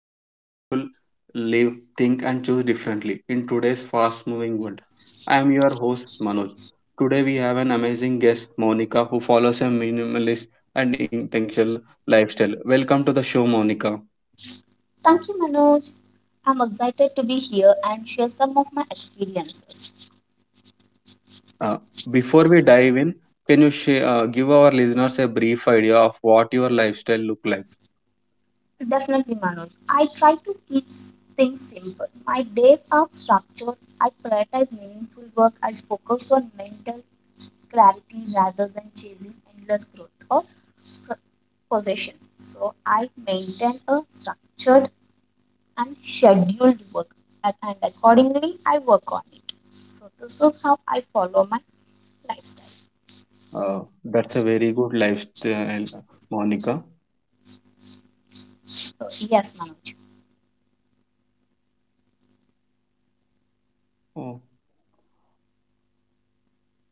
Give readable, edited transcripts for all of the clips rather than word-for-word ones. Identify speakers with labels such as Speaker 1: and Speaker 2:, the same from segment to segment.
Speaker 1: how people live, think, and choose differently in today's fast moving world. I am your host, Manoj. Today, we have an amazing guest, Monica, who follows a minimalist and intentional lifestyle. Welcome to the show, Monica.
Speaker 2: Thank you, Manoj. I'm excited to be here and share some of my experiences.
Speaker 1: Uh, before we dive in, can you give our listeners a brief idea of what your lifestyle look like?
Speaker 2: Definitely, Manoj. I try to keep things simple. My days are structured. I prioritize meaningful work. I focus on mental clarity rather than chasing endless growth or pro- possessions. So, I maintain a structured and scheduled work, and accordingly, I work on it. So, this is how I follow my lifestyle.
Speaker 1: That's a very good lifestyle, Monica.
Speaker 2: So, yes, Manoj.
Speaker 1: Oh,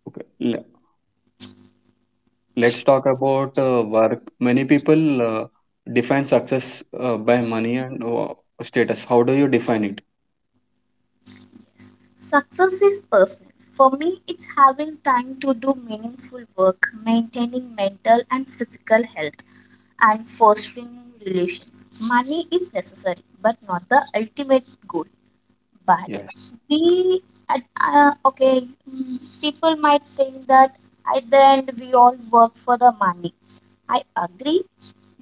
Speaker 1: okay. Let's talk about work. Many people define success by money and status. How do you define it?
Speaker 2: Success is personal. For me, it's having time to do meaningful work, maintaining mental and physical health, and fostering relations. Money is necessary, but not the ultimate goal, but
Speaker 1: Yes,
Speaker 2: we at okay, people might think that at the end we all work for the money. I agree,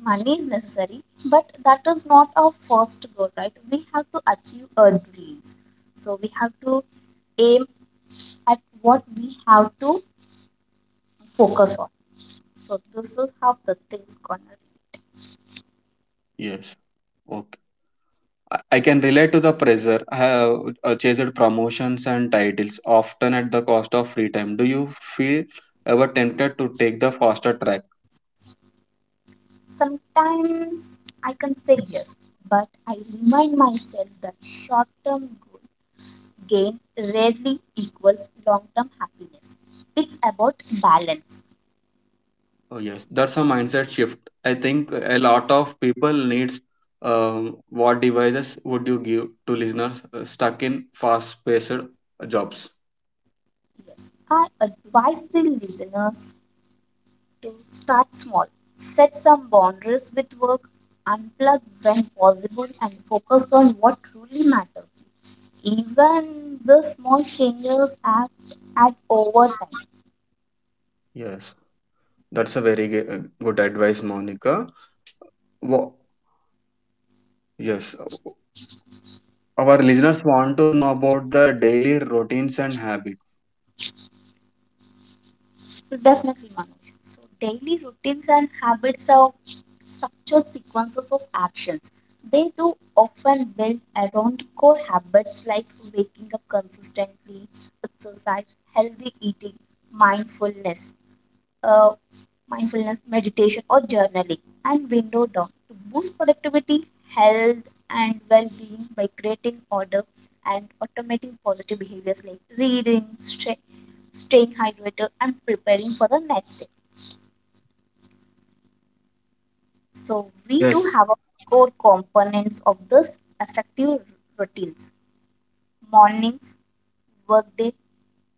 Speaker 2: money is necessary, but that is not our first goal, right? We have to achieve our dreams, so we have to aim at what we have to focus on. So this is how the things gonna.
Speaker 1: yes. Okay. I can relate to the pressure. I have chased promotions and titles, often at the cost of free time. Do you feel ever tempted to take the faster track?
Speaker 2: Sometimes I can say yes, but I remind myself that short term goal gain rarely equals long term happiness. It's about balance.
Speaker 1: Oh yes, that's a mindset shift. I think a lot of people needs what devices would you give to listeners stuck in fast-paced jobs?
Speaker 2: Yes, I advise the listeners to start small, set some boundaries with work, unplug when possible, and focus on what truly matters. Even the small changes add, at over time.
Speaker 1: Yes, that's a very good advice, Monica. Wo- yes, our listeners want to know about the daily routines and habits.
Speaker 2: So definitely, Manoj. So daily routines and habits are structured sequences of actions. They do often build around core habits like waking up consistently, exercise, healthy eating, mindfulness. Uh, Mindfulness, meditation, or journaling, and window down to boost productivity, health, and well being by creating order and automating positive behaviors like reading, staying hydrated, and preparing for the next day. So, we do
Speaker 1: Yes,
Speaker 2: have a core components of this effective routines: mornings, workday,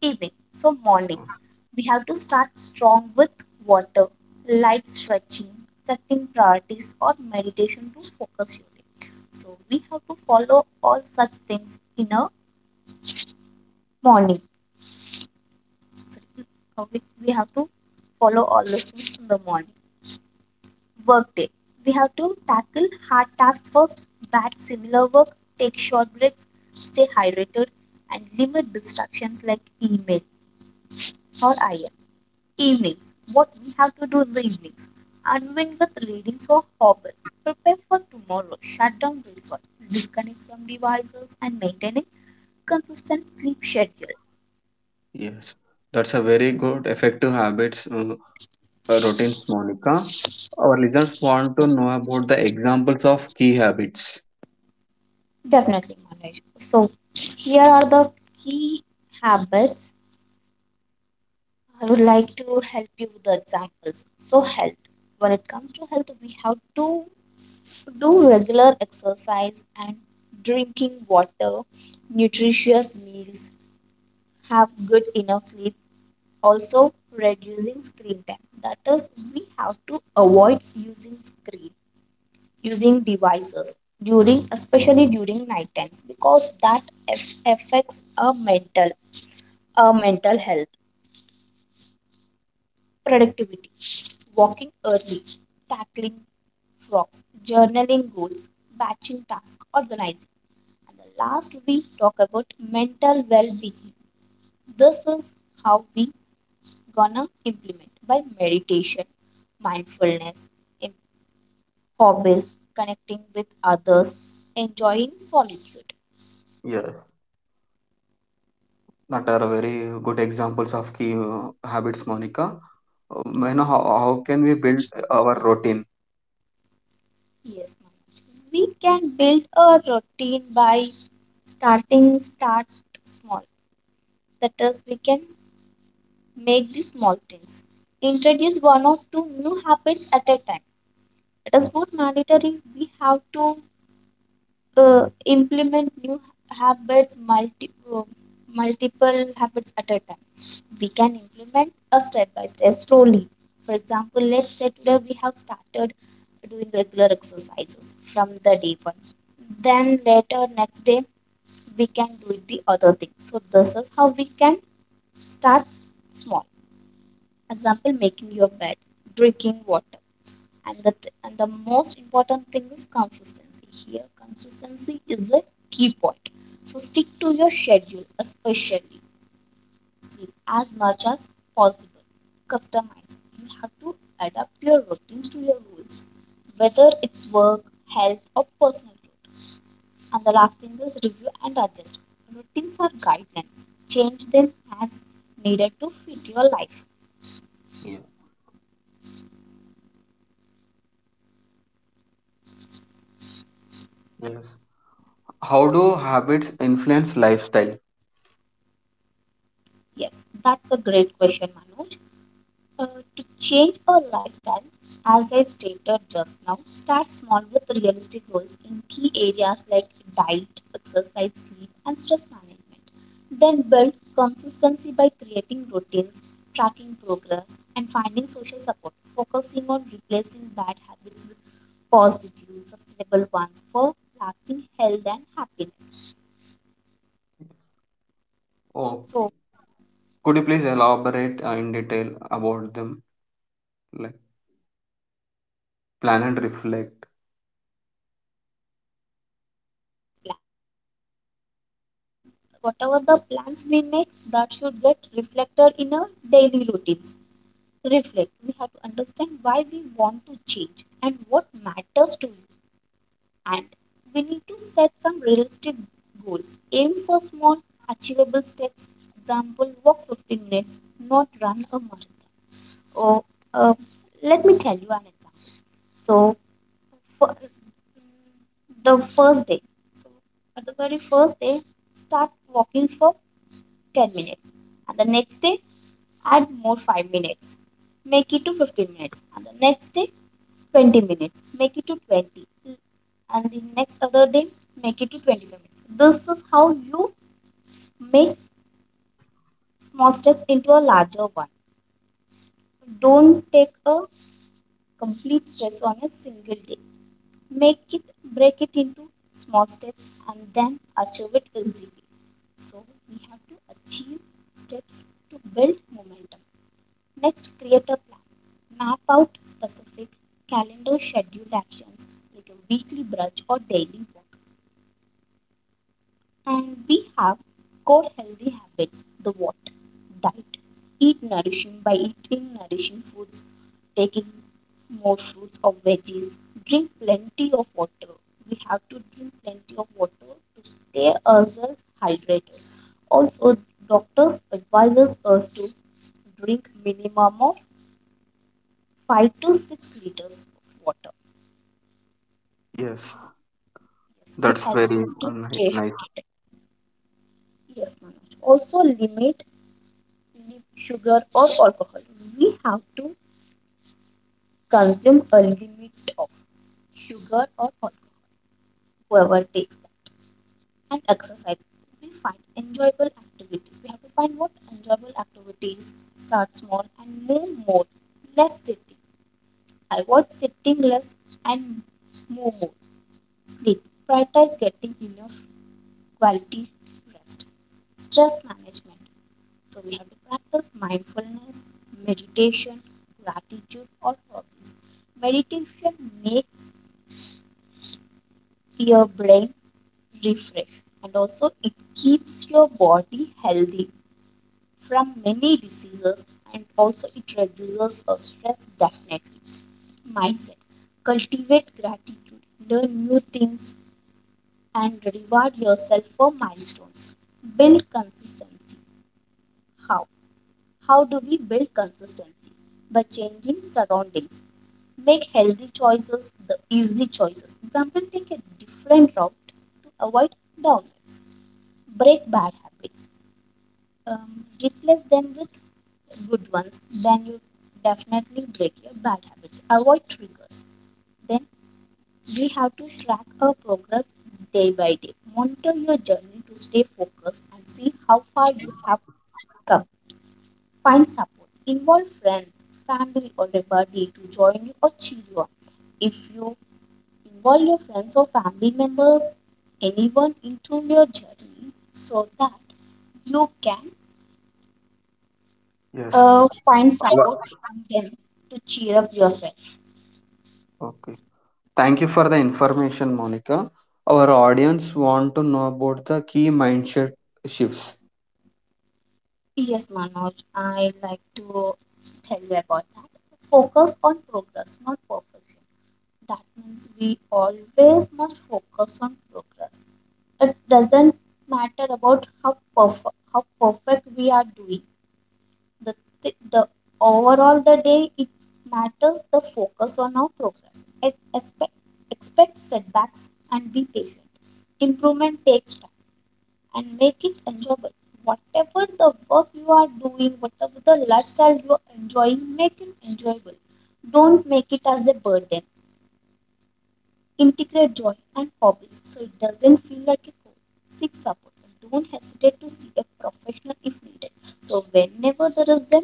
Speaker 2: evening. So mornings, we have to start strong with water, light stretching, setting priorities or meditation to focus your day. So we have to follow all such things in a morning. So we have to follow all those things in the morning. Work day. We have to tackle hard tasks first, batch similar work, take short breaks, stay hydrated, and limit distractions like email or IM. Evenings. What we have to do in the evenings. Unwind with readings or hobble. Prepare for tomorrow. Shut down breakfast. Disconnect from devices and maintain a consistent sleep schedule.
Speaker 1: yes, that's a very good effective habits routines, Monica. Our listeners want to know about the examples of key habits.
Speaker 2: Definitely, Manoj. So here are the key habits. I would like to help you with the examples. So health. When it comes to health, we have to do regular exercise and drinking water, nutritious meals, have good enough sleep, also reducing screen time. That is, we have to avoid using screen, using devices during, especially during night times, because that affects our mental, our mental health, productivity, walking early, tackling frogs, journaling goals, batching tasks, organizing. And the last, we talk about mental well-being. This is how we gonna implement, by meditation, mindfulness, hobbies, connecting with others, enjoying solitude.
Speaker 1: Yes. That are very good examples of key habits, Monica. Uh, You know, how can we build our routine?
Speaker 2: Yes, Manoj. We can build a routine by starting start small. That is, we can make the small things. Introduce one or two new habits at a time. It is not mandatory. We have to implement new habits multi uh, multiple habits at a time. We can implement a step by step slowly. For example, let's say today we have started doing regular exercises from the day one, then later next day, we can do the other thing. So this is how we can start small. Example, making your bed, drinking water. And the most important thing is consistency. Here consistency is a key point. So stick to your schedule, especially sleep, as much as possible. Customize, you have to adapt your routines to your goals, whether it's work, health, or personal growth. And the last thing is review and adjust. Routines are guidelines, change them as needed to fit your life.
Speaker 1: Yeah. Yes. How do habits influence lifestyle?
Speaker 2: Yes, that's a great question, Manoj. Uh, to change our lifestyle, as I stated just now, start small with realistic goals in key areas like diet, exercise, sleep, and stress management. Then build consistency by creating routines, tracking progress, and finding social support, focusing on replacing bad habits with positive, sustainable ones for lasting health and happiness.
Speaker 1: Oh,
Speaker 2: So,
Speaker 1: could you please elaborate in detail about them? Like
Speaker 2: definitely, Manu.
Speaker 1: plan
Speaker 2: So
Speaker 1: and
Speaker 2: the
Speaker 1: reflect.
Speaker 2: first thing is plan and reflect. We have to plan, and that sh- whatever the plans we make, that should get reflected in our daily routines. Reflect. We have to understand why we want to change and what matters to you. And we need to set some realistic goals. Aim for small, achievable steps. Example: walk 15 minutes, not run a marathon. Or uh, let me tell you an example. So fir- the first day. So at the very first day, start walking for 10 minutes, and the next day, add more 5 minutes, make it to 15 minutes, and the next day, 20 minutes, make it to 20, and the next other day, make it to 25 minutes. This is how you make small steps into a larger one. Don't take a complete stress on a single day. Make it, break it into small steps and then achieve it easily. So we have to achieve steps to build momentum. Next, create a plan, map out specific calendar scheduled actions like a weekly brunch or daily walk. And we have core healthy habits, the what? Diet. Eat nourishing, by eating nourishing foods, taking more fruits or veggies, drink plenty of water. We have to drink plenty of water to stay ourselves hydrated. Also, doctors advises us to drink minimum of 5 to 6 liters of water,
Speaker 1: Yes,
Speaker 2: yes, which
Speaker 1: that's
Speaker 2: helps
Speaker 1: very
Speaker 2: to stay
Speaker 1: nice.
Speaker 2: hydrated. Yes, Manoj. Also, limit sugar or alcohol. We have to consume a limit of sugar or alcohol. Whoever takes that, and exercise, we find enjoyable activities. We have to find what enjoyable activities. Start small and move more. Less sitting. Avoid sitting less and move more. Sleep. Prioritize getting enough quality rest. Stress management. So we have to practice mindfulness, meditation, gratitude, or hobbies. Meditation makes your brain refresh and also it keeps your body healthy from many diseases and also it reduces the stress definitely. Mindset. Cultivate gratitude, learn new things and reward yourself for milestones. Build consistency. How? How do we build consistency? By changing surroundings. Make healthy choices the easy choices. Example, take a different route to avoid downloads. Break bad habits. Replace them with good ones. Then you definitely break your bad habits. Avoid triggers. Then we have to track our progress day by day. Monitor your journey to stay focused and see how far you have come. Find support. Involve friends, family, or a buddy to join you or cheer you up. If you involve your friends or family members, anyone into your journey, so that you can
Speaker 1: Yes.
Speaker 2: find
Speaker 1: Our-
Speaker 2: support from them to cheer up yourself.
Speaker 1: Okay. Thank you for the information, Monica. Our audience want to know about the key mindset shifts.
Speaker 2: Yes, Manoj, I like to tell you about that. Focus on progress, not perfection. That means we always must focus on progress. It doesn't matter about how perfect we are doing the the overall the day. It matters the focus on our progress. Expect setbacks and be patient. Improvement takes time, and make it enjoyable. Whatever the work you are doing, whatever the lifestyle you are enjoying, make it enjoyable. Don't make it as a burden. Integrate joy and hobbies so it doesn't feel like a chore. Seek support and don't hesitate to see a professional if needed. So whenever there is a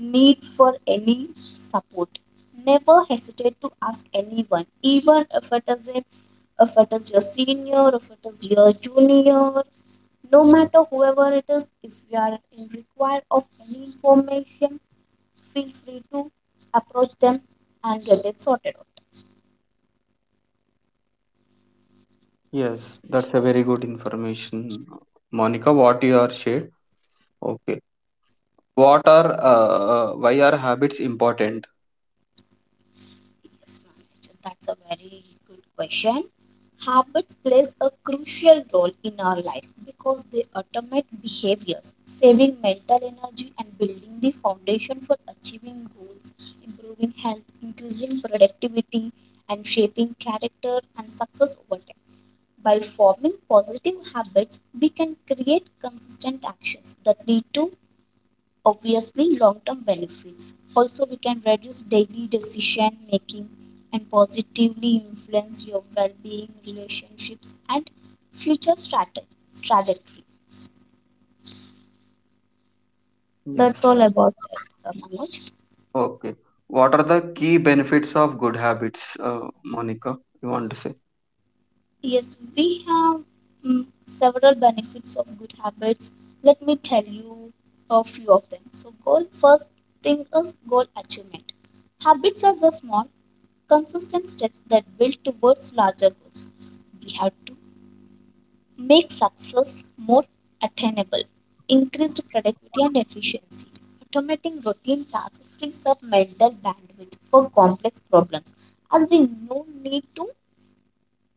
Speaker 2: need for any support, never hesitate to ask anyone, even if it is a, if it is your senior, if it is your junior, no matter whoever it is, if you are in require of any information, feel free to approach them and get it sorted out.
Speaker 1: Yes, that's a very good information, Monica. What you are shared. Okay. What are why are habits important?
Speaker 2: Yes, Manoj, that's a very good question. Habits plays a crucial role in our life because they automate behaviors, saving mental energy and building the foundation for achieving goals, improving health, increasing productivity, and shaping character and success over time. By forming positive habits, we can create consistent actions that lead to obviously long-term benefits. Also, we can reduce daily decision making and positively influence your well-being, relationships, and future strate- trajectory. That's
Speaker 1: Yes.
Speaker 2: all about it, Manoj.
Speaker 1: Okay. What are the key benefits of good habits, Monica? You want to say?
Speaker 2: Yes, we have several benefits of good habits. Let me tell you a few of them. So, goal first thing is goal achievement. Habits are the small, consistent steps that build towards larger goals. We have to make success more attainable, increased productivity and efficiency. Automating routine tasks frees up mental bandwidth for complex problems, as we no need to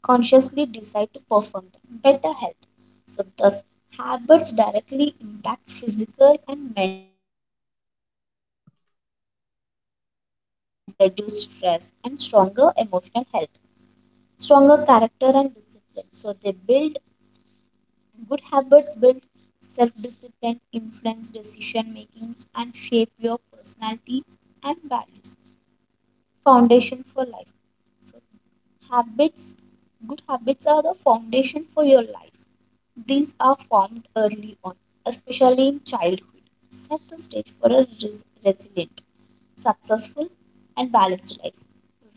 Speaker 2: consciously decide to perform them. Better health. So, thus, habits directly impact physical and mental well being, leading to better fitness, reduced stress, and stronger emotional health, stronger character and discipline. So, they build good habits build self discipline, influence decision making, and shape your personality and values. Foundation for life. So, habits, good habits are the foundation for your life. These are formed early on, especially in childhood. Set the stage for a Resilient, successful, and balanced life.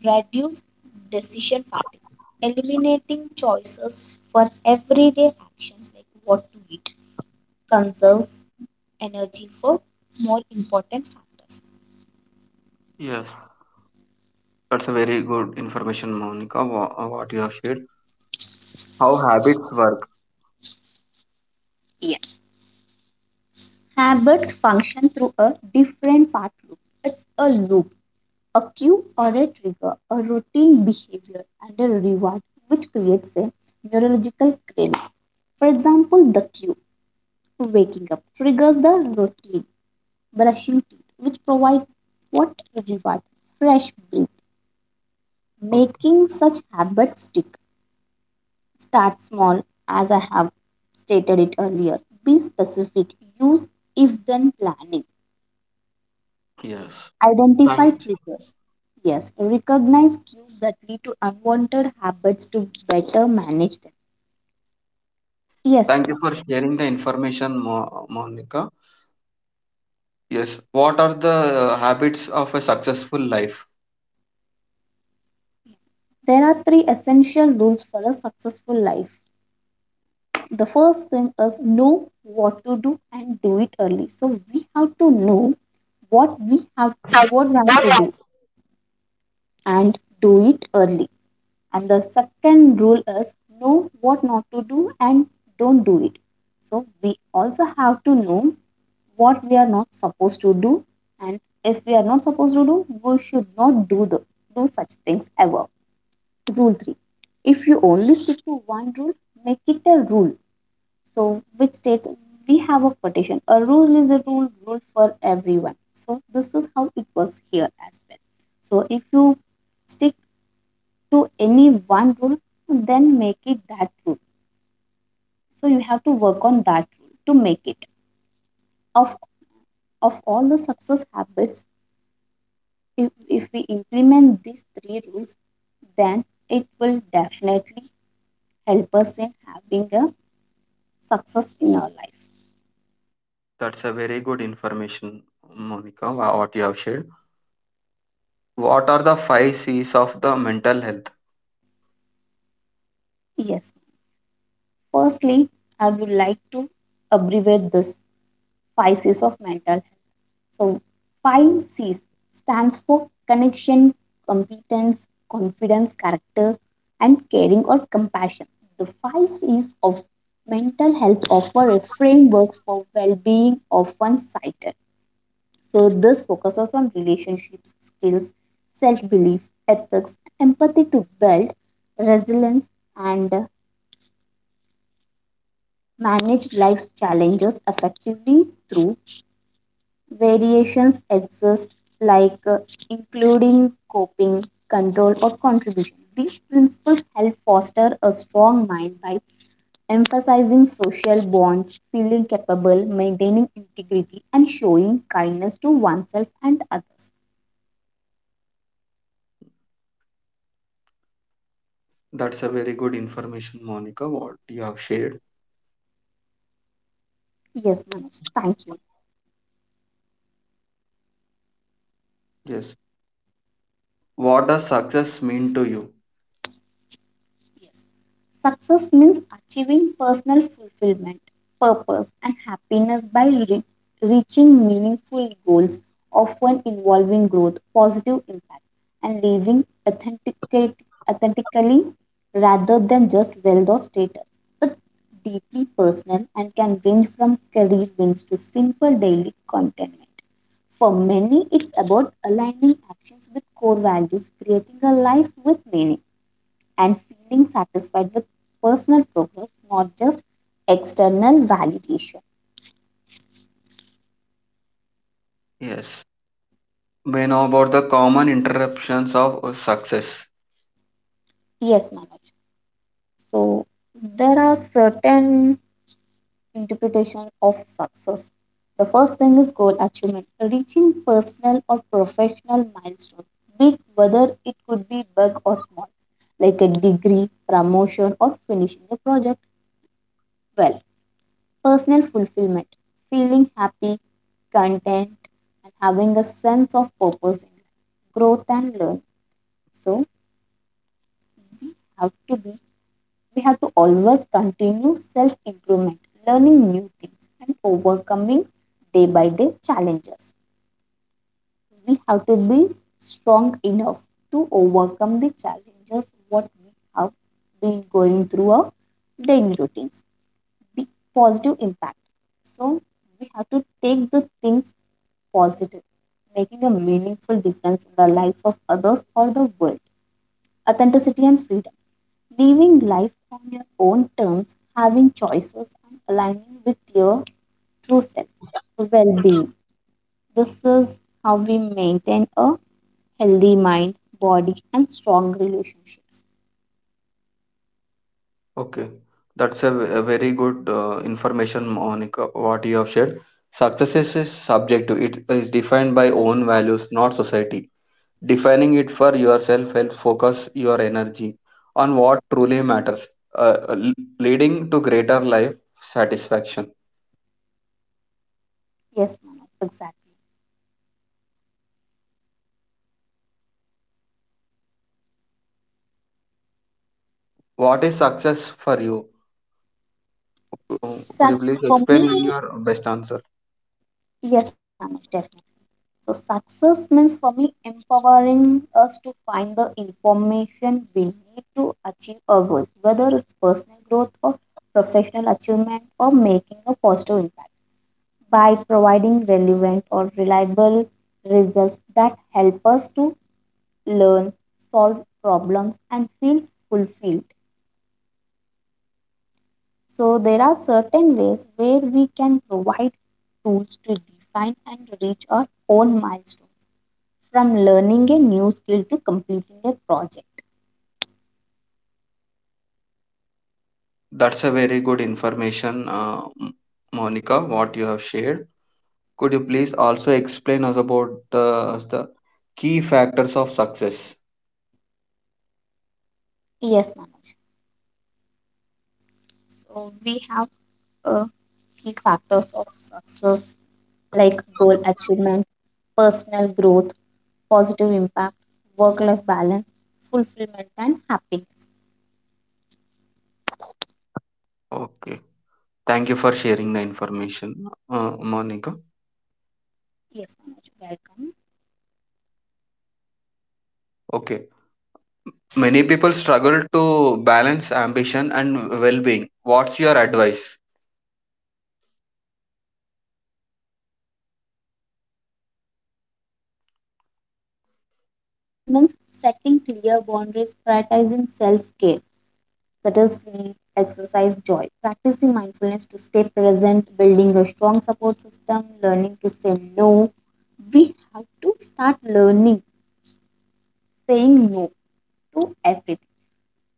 Speaker 2: Reduce decision fatigue, eliminating choices for everyday actions like what to eat conserves energy for more important factors.
Speaker 1: Yes, that's a very good information, Monica. What you have shared. How habits work.
Speaker 2: Yes. Habits function through a different part loop. It's a loop, a cue or a trigger, a routine behavior, and a reward, which creates a neurological craving. For example, the cue, waking up, triggers the routine, brushing teeth, which provides what reward? Fresh breath.
Speaker 1: Okay.
Speaker 2: Making such habits stick. Start small, as I have stated it earlier. Be specific. Use if then planning.
Speaker 1: Yes.
Speaker 2: Identify
Speaker 1: Thank,
Speaker 2: triggers. Yes, recognize cues that lead to unwanted habits to better manage them. Yes,
Speaker 1: thank you for
Speaker 2: Manoj.
Speaker 1: sharing the information, Monica. Yes. What are the habits of a successful life?
Speaker 2: There are three essential rules for a successful life. The first thing is know what to do and do it early. So we have to know what we have what we have to do and do it early. And the second rule is know what not to do and don't do it. So we also have to know what we are not supposed to do, and if we are not supposed to do, we should not do such things ever. Rule three: if you only stick to one rule, make it a rule. So which states, we have a quotation. A rule is a rule for everyone. So this is how it works here as well. So if you stick to any one rule, then make it that rule. So you have to work on that rule to make it. Of of all the success habits, if we implement these three rules, then it will definitely help us in having a success in our life.
Speaker 1: That's a very good information, Monica, what you have shared. What are the five C's of the mental health?
Speaker 2: Yes. Firstly, I would like to abbreviate this five C's of mental. So, five C's stands for connection, competence, confidence, character, and caring or compassion. The five C's of mental health offer a framework for well being of one's cited. So, this focuses on relationships, skills, self belief, ethics, empathy to build resilience and manage life's challenges effectively through. Variations exist, like including coping, control, or contribution. These principles help foster a strong mind by emphasizing social bonds, feeling capable, maintaining integrity, and showing kindness to oneself and others.
Speaker 1: That's a very good information, Monica, what you have shared.
Speaker 2: Yes, Manoj, thank you.
Speaker 1: Yes. What does success mean to you?
Speaker 2: Yes. Success means achieving personal fulfillment, purpose, and happiness by reaching meaningful goals, often involving growth, positive impact, and living authentically rather than just wealth or status. But deeply personal and can range from career wins to simple daily contentment. For many, it's about aligning actions with core values, creating a life with meaning and feeling satisfied with personal progress, not just external validation.
Speaker 1: Yes. We know about the common interruptions of success.
Speaker 2: Yes, Manoj. So there are certain interpretation of success. The first thing is goal achievement, reaching personal or professional milestone, be it whether it could be big or small, like a degree, promotion, or finishing a project well. Personal fulfillment, feeling happy content, and having a sense of purpose in life, growth and learn. So we have to be, we have to always continue self improvement, learning new things, and overcoming day by day challenges. We have to be strong enough to overcome the challenges what we have been going through our daily routines. Be positive impact. So we have to take the things positive, making a meaningful difference in the lives of others or the world. Authenticity and freedom, living life on your own terms, having choices, and aligning with your true self. Well being, this is how we maintain a healthy mind, body, and strong relationships.
Speaker 1: Okay. That's a a very good information, Monica, what you have shared. Success is subjective, it
Speaker 2: Yes, Manoj,
Speaker 1: is
Speaker 2: thank
Speaker 1: defined by
Speaker 2: you for
Speaker 1: own values, not society. Defining it for yourself helps focus your energy on what truly matters, uh, l- leading to greater life satisfaction.
Speaker 2: that. Yes, Manoj, exactly.
Speaker 1: What is success for you? Could
Speaker 2: So
Speaker 1: you please
Speaker 2: for
Speaker 1: explain in
Speaker 2: me,
Speaker 1: your best answer?
Speaker 2: yes, Manoj, definitely. So success means for me empowering us to find the information we need to achieve our goals, whether it's personal growth or professional achievement or making a positive impact by providing relevant or reliable results that help us to learn, solve problems, and feel fulfilled. So there are certain ways where we can provide tools to define and reach our own milestones from learning a new skill to completing a project.
Speaker 1: That's a very good information, Monica, what you have shared. Could you please also explain us about us the key factors of success?
Speaker 2: Yes, Manoj. So we have uh, key factors of success like goal achievement, personal growth, positive impact, work life balance, fulfillment, and happiness.
Speaker 1: Okay. Thank you for sharing the information, Monica.
Speaker 2: Yes, Manoj, welcome.
Speaker 1: Okay. Many people struggle to balance ambition and well being. What's your advice?
Speaker 2: My advice about this is balancing ambition and well being means setting clear boundaries, prioritizing self care, subtle sleep, exercise, joy. Practicing mindfulness to stay present, building a strong support system, learning to say no. We have to start learning saying no to everything.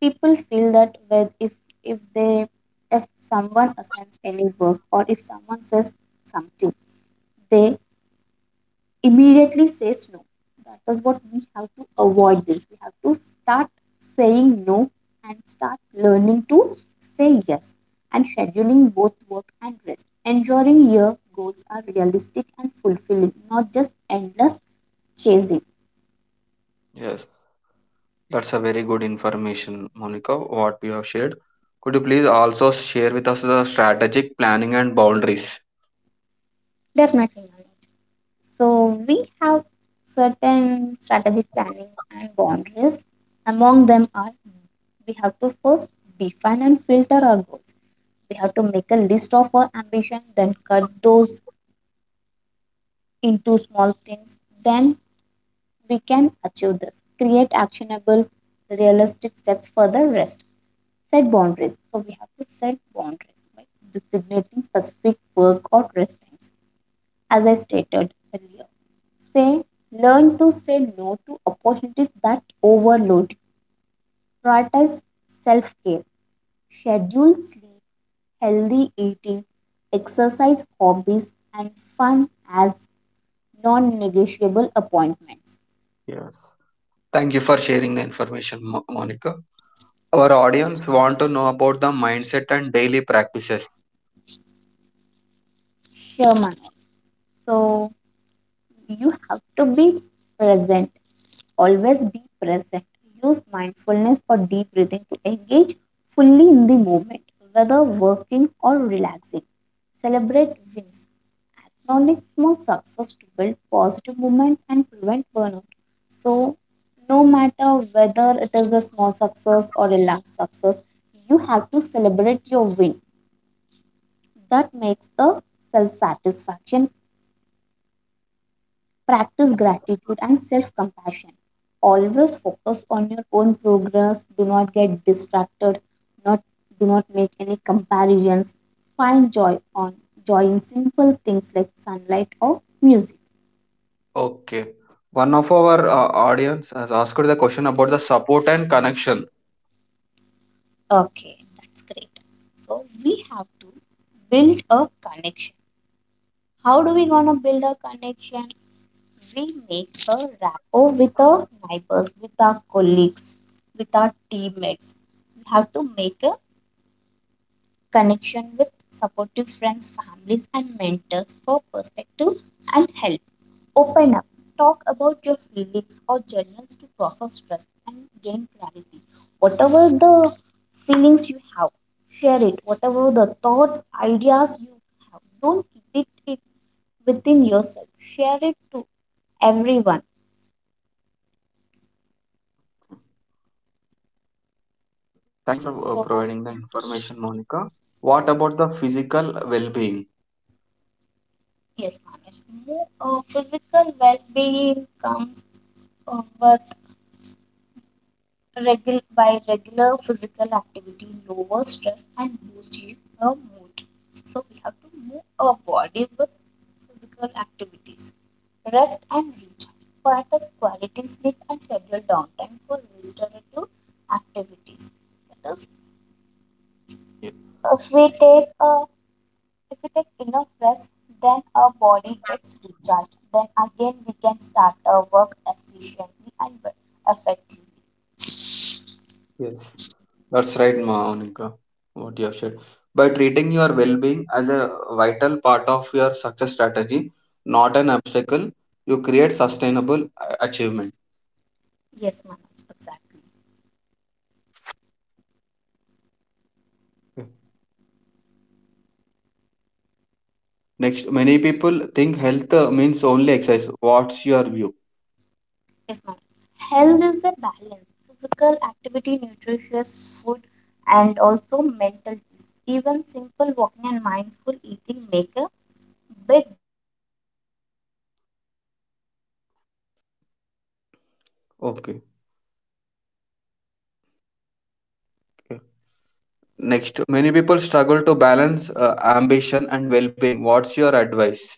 Speaker 2: People feel that with if they if someone assigns any work or if someone says something, they immediately says no. That is what we have to avoid this. We have to start saying no and start learning to say yes and scheduling both work and rest. Ensuring your goals are realistic and fulfilling, not just endless chasing.
Speaker 1: Yes, that's a very good information, Monica, what you have shared. Could you please also share with us the strategic planning and boundaries?
Speaker 2: Definitely not. So we have certain strategic planning and boundaries. Among them are, we have to first define and filter our goals. We have to make a list of our ambition, then cut those into small things, then we can achieve this. Create actionable realistic steps for the rest. Set boundaries, so we have to set boundaries by designating specific work or rest times. As I stated earlier, say learn to say no to opportunities that overload. Prioritize self-care, schedule sleep, healthy eating, exercise, hobbies, and fun as non-negotiable appointments.
Speaker 1: Yeah. Thank you for sharing the information, Monica. Our audience want to know about the mindset and daily practices.
Speaker 2: Sure, Manoj. So you have to be present. Always be present. Use mindfulness or deep breathing to engage fully in the moment, whether working or relaxing. Celebrate wins. Acknowledge small success to build positive movement and prevent burnout. So no matter whether it is a small success or a large success, you have to celebrate your win. That makes a self satisfaction. Practice gratitude and self compassion. Always focus on your own progress. Do not get distracted. Not Do not make any comparisons. Find joy in simple things like sunlight or music.
Speaker 1: Okay. One of our audience has asked the question about the support and connection.
Speaker 2: Okay, that's great. So we have to build a connection. How do we gonna build a connection? We make a rapport with our neighbors, with our colleagues, with our teammates. We have to make a connection with supportive friends, families, and mentors for perspective and help. Open up. Talk about your feelings or journals to process stress and gain clarity. Whatever the feelings you have, share it. Whatever the thoughts, ideas you have, don't keep it within yourself. Share it to everyone.
Speaker 1: Thank you for
Speaker 2: So
Speaker 1: providing the information, Monica. What about the physical well-being?
Speaker 2: Yes, Manish. Physical well-being comes with regular physical activity, lower stress, and boosts your mood. So we have to move our body with physical activities, rest and recharge. Practice quality sleep and schedule downtime for restorative activities. That is,
Speaker 1: Ye-
Speaker 2: if we take a If we take enough rest, then our body gets recharged. Then again, we can start our work efficiently and effectively.
Speaker 1: Yes, that's right, Monica. What you have said. By treating your well-being as a vital part of your success strategy, not an obstacle, you create sustainable achievement.
Speaker 2: Yes, Manoj, exactly.
Speaker 1: Okay. Next, many people think health means only exercise. What's your view?
Speaker 2: Yes, Manoj. Health is a balance. Physical activity, nutritious food, and also mental peace. Even simple walking and mindful eating make a big difference.
Speaker 1: Okay. okay. Next, many people struggle to balance ambition and well-being. What's your advice?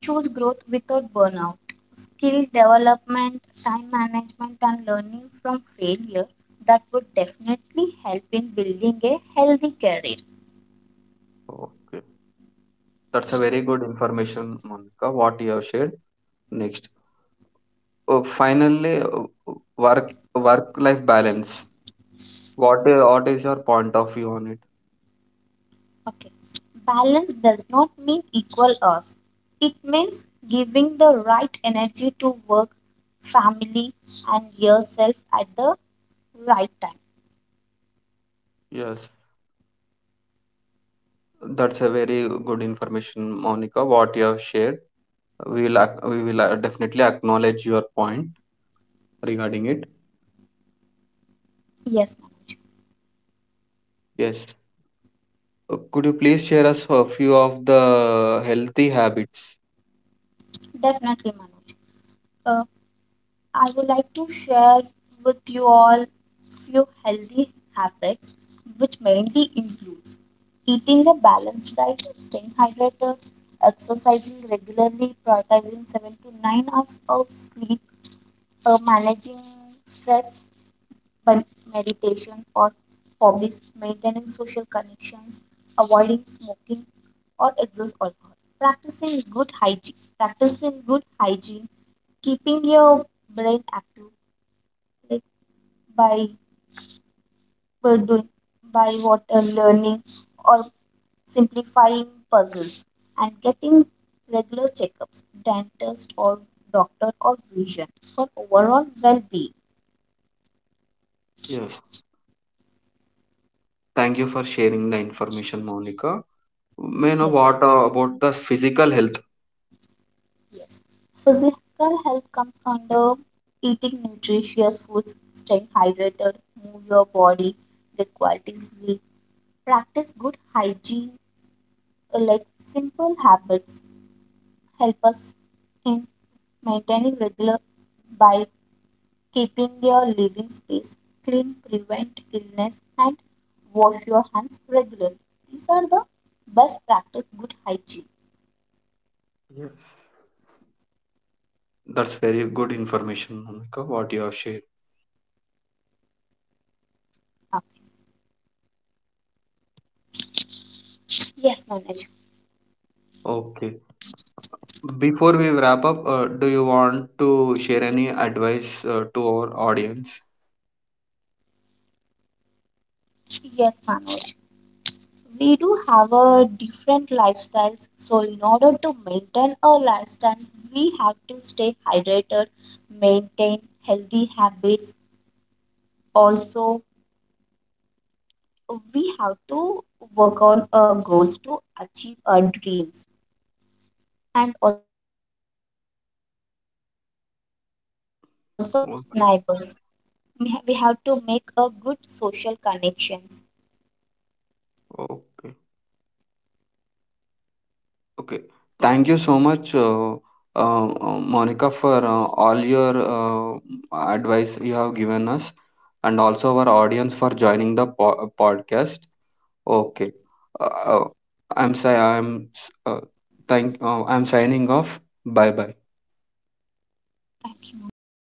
Speaker 2: Choose growth without burnout, skill development, time management, and learning from failure. That would definitely help in building a healthy career.
Speaker 1: Okay. That's a very good information, Monica, what you have shared. Next. Oh, finally, work work life balance. What is your point of view on it?
Speaker 2: Okay, balance does not mean equal us, it means giving the right energy to work, family, and yourself at the right time.
Speaker 1: Yes, that's a very good information, Monica, what you have shared. We'll we will definitely acknowledge your point regarding it.
Speaker 2: Yes, Manoj,
Speaker 1: Yes. Could you please share us a few of the healthy habits?
Speaker 2: definitely, Manoj. Uh, I would like to share with you all few healthy habits which mainly includes eating a balanced diet, staying hydrated, exercising regularly, prioritizing 7 to 9 hours of sleep, managing stress by meditation or hobbies, maintaining social connections, avoiding smoking or excess alcohol, practicing good hygiene, keeping your brain active, by by doing by what learning or simplifying puzzles, and getting regular checkups, dentist or doctor or vision, for overall well-being.
Speaker 1: Yes. Thank you for sharing the information, Monica. May I know
Speaker 2: yes
Speaker 1: what about the physical health?
Speaker 2: yes Physical health comes under eating nutritious foods, staying hydrated, move your body, get quality sleep, practice good hygiene. Like, simple habits help us in maintaining regular by Keeping your living space clean prevent illness, and wash your hands regularly. These are the best practice good hygiene.
Speaker 1: That's very good information, Monica, what you have shared.
Speaker 2: Okay. Yes, Manoj.
Speaker 1: Okay. Before we wrap up, do you want to share any advice to our audience?
Speaker 2: Yes, Manoj. We do have a different lifestyles. So in order to maintain a lifestyle, we have to stay hydrated, maintain healthy habits. Also, we have to work on our goals to achieve our dreams. And also, we must have a interaction with the
Speaker 1: Okay.
Speaker 2: neighbors. We have to make a good social connections.
Speaker 1: Okay. Okay. Thank you so much, Monica, for all your advice you have given us, and also our audience for joining the podcast. Okay. Uh, uh, I'm si- I'm s- thank I'm signing off. Bye bye.
Speaker 2: Thank you, Manoj.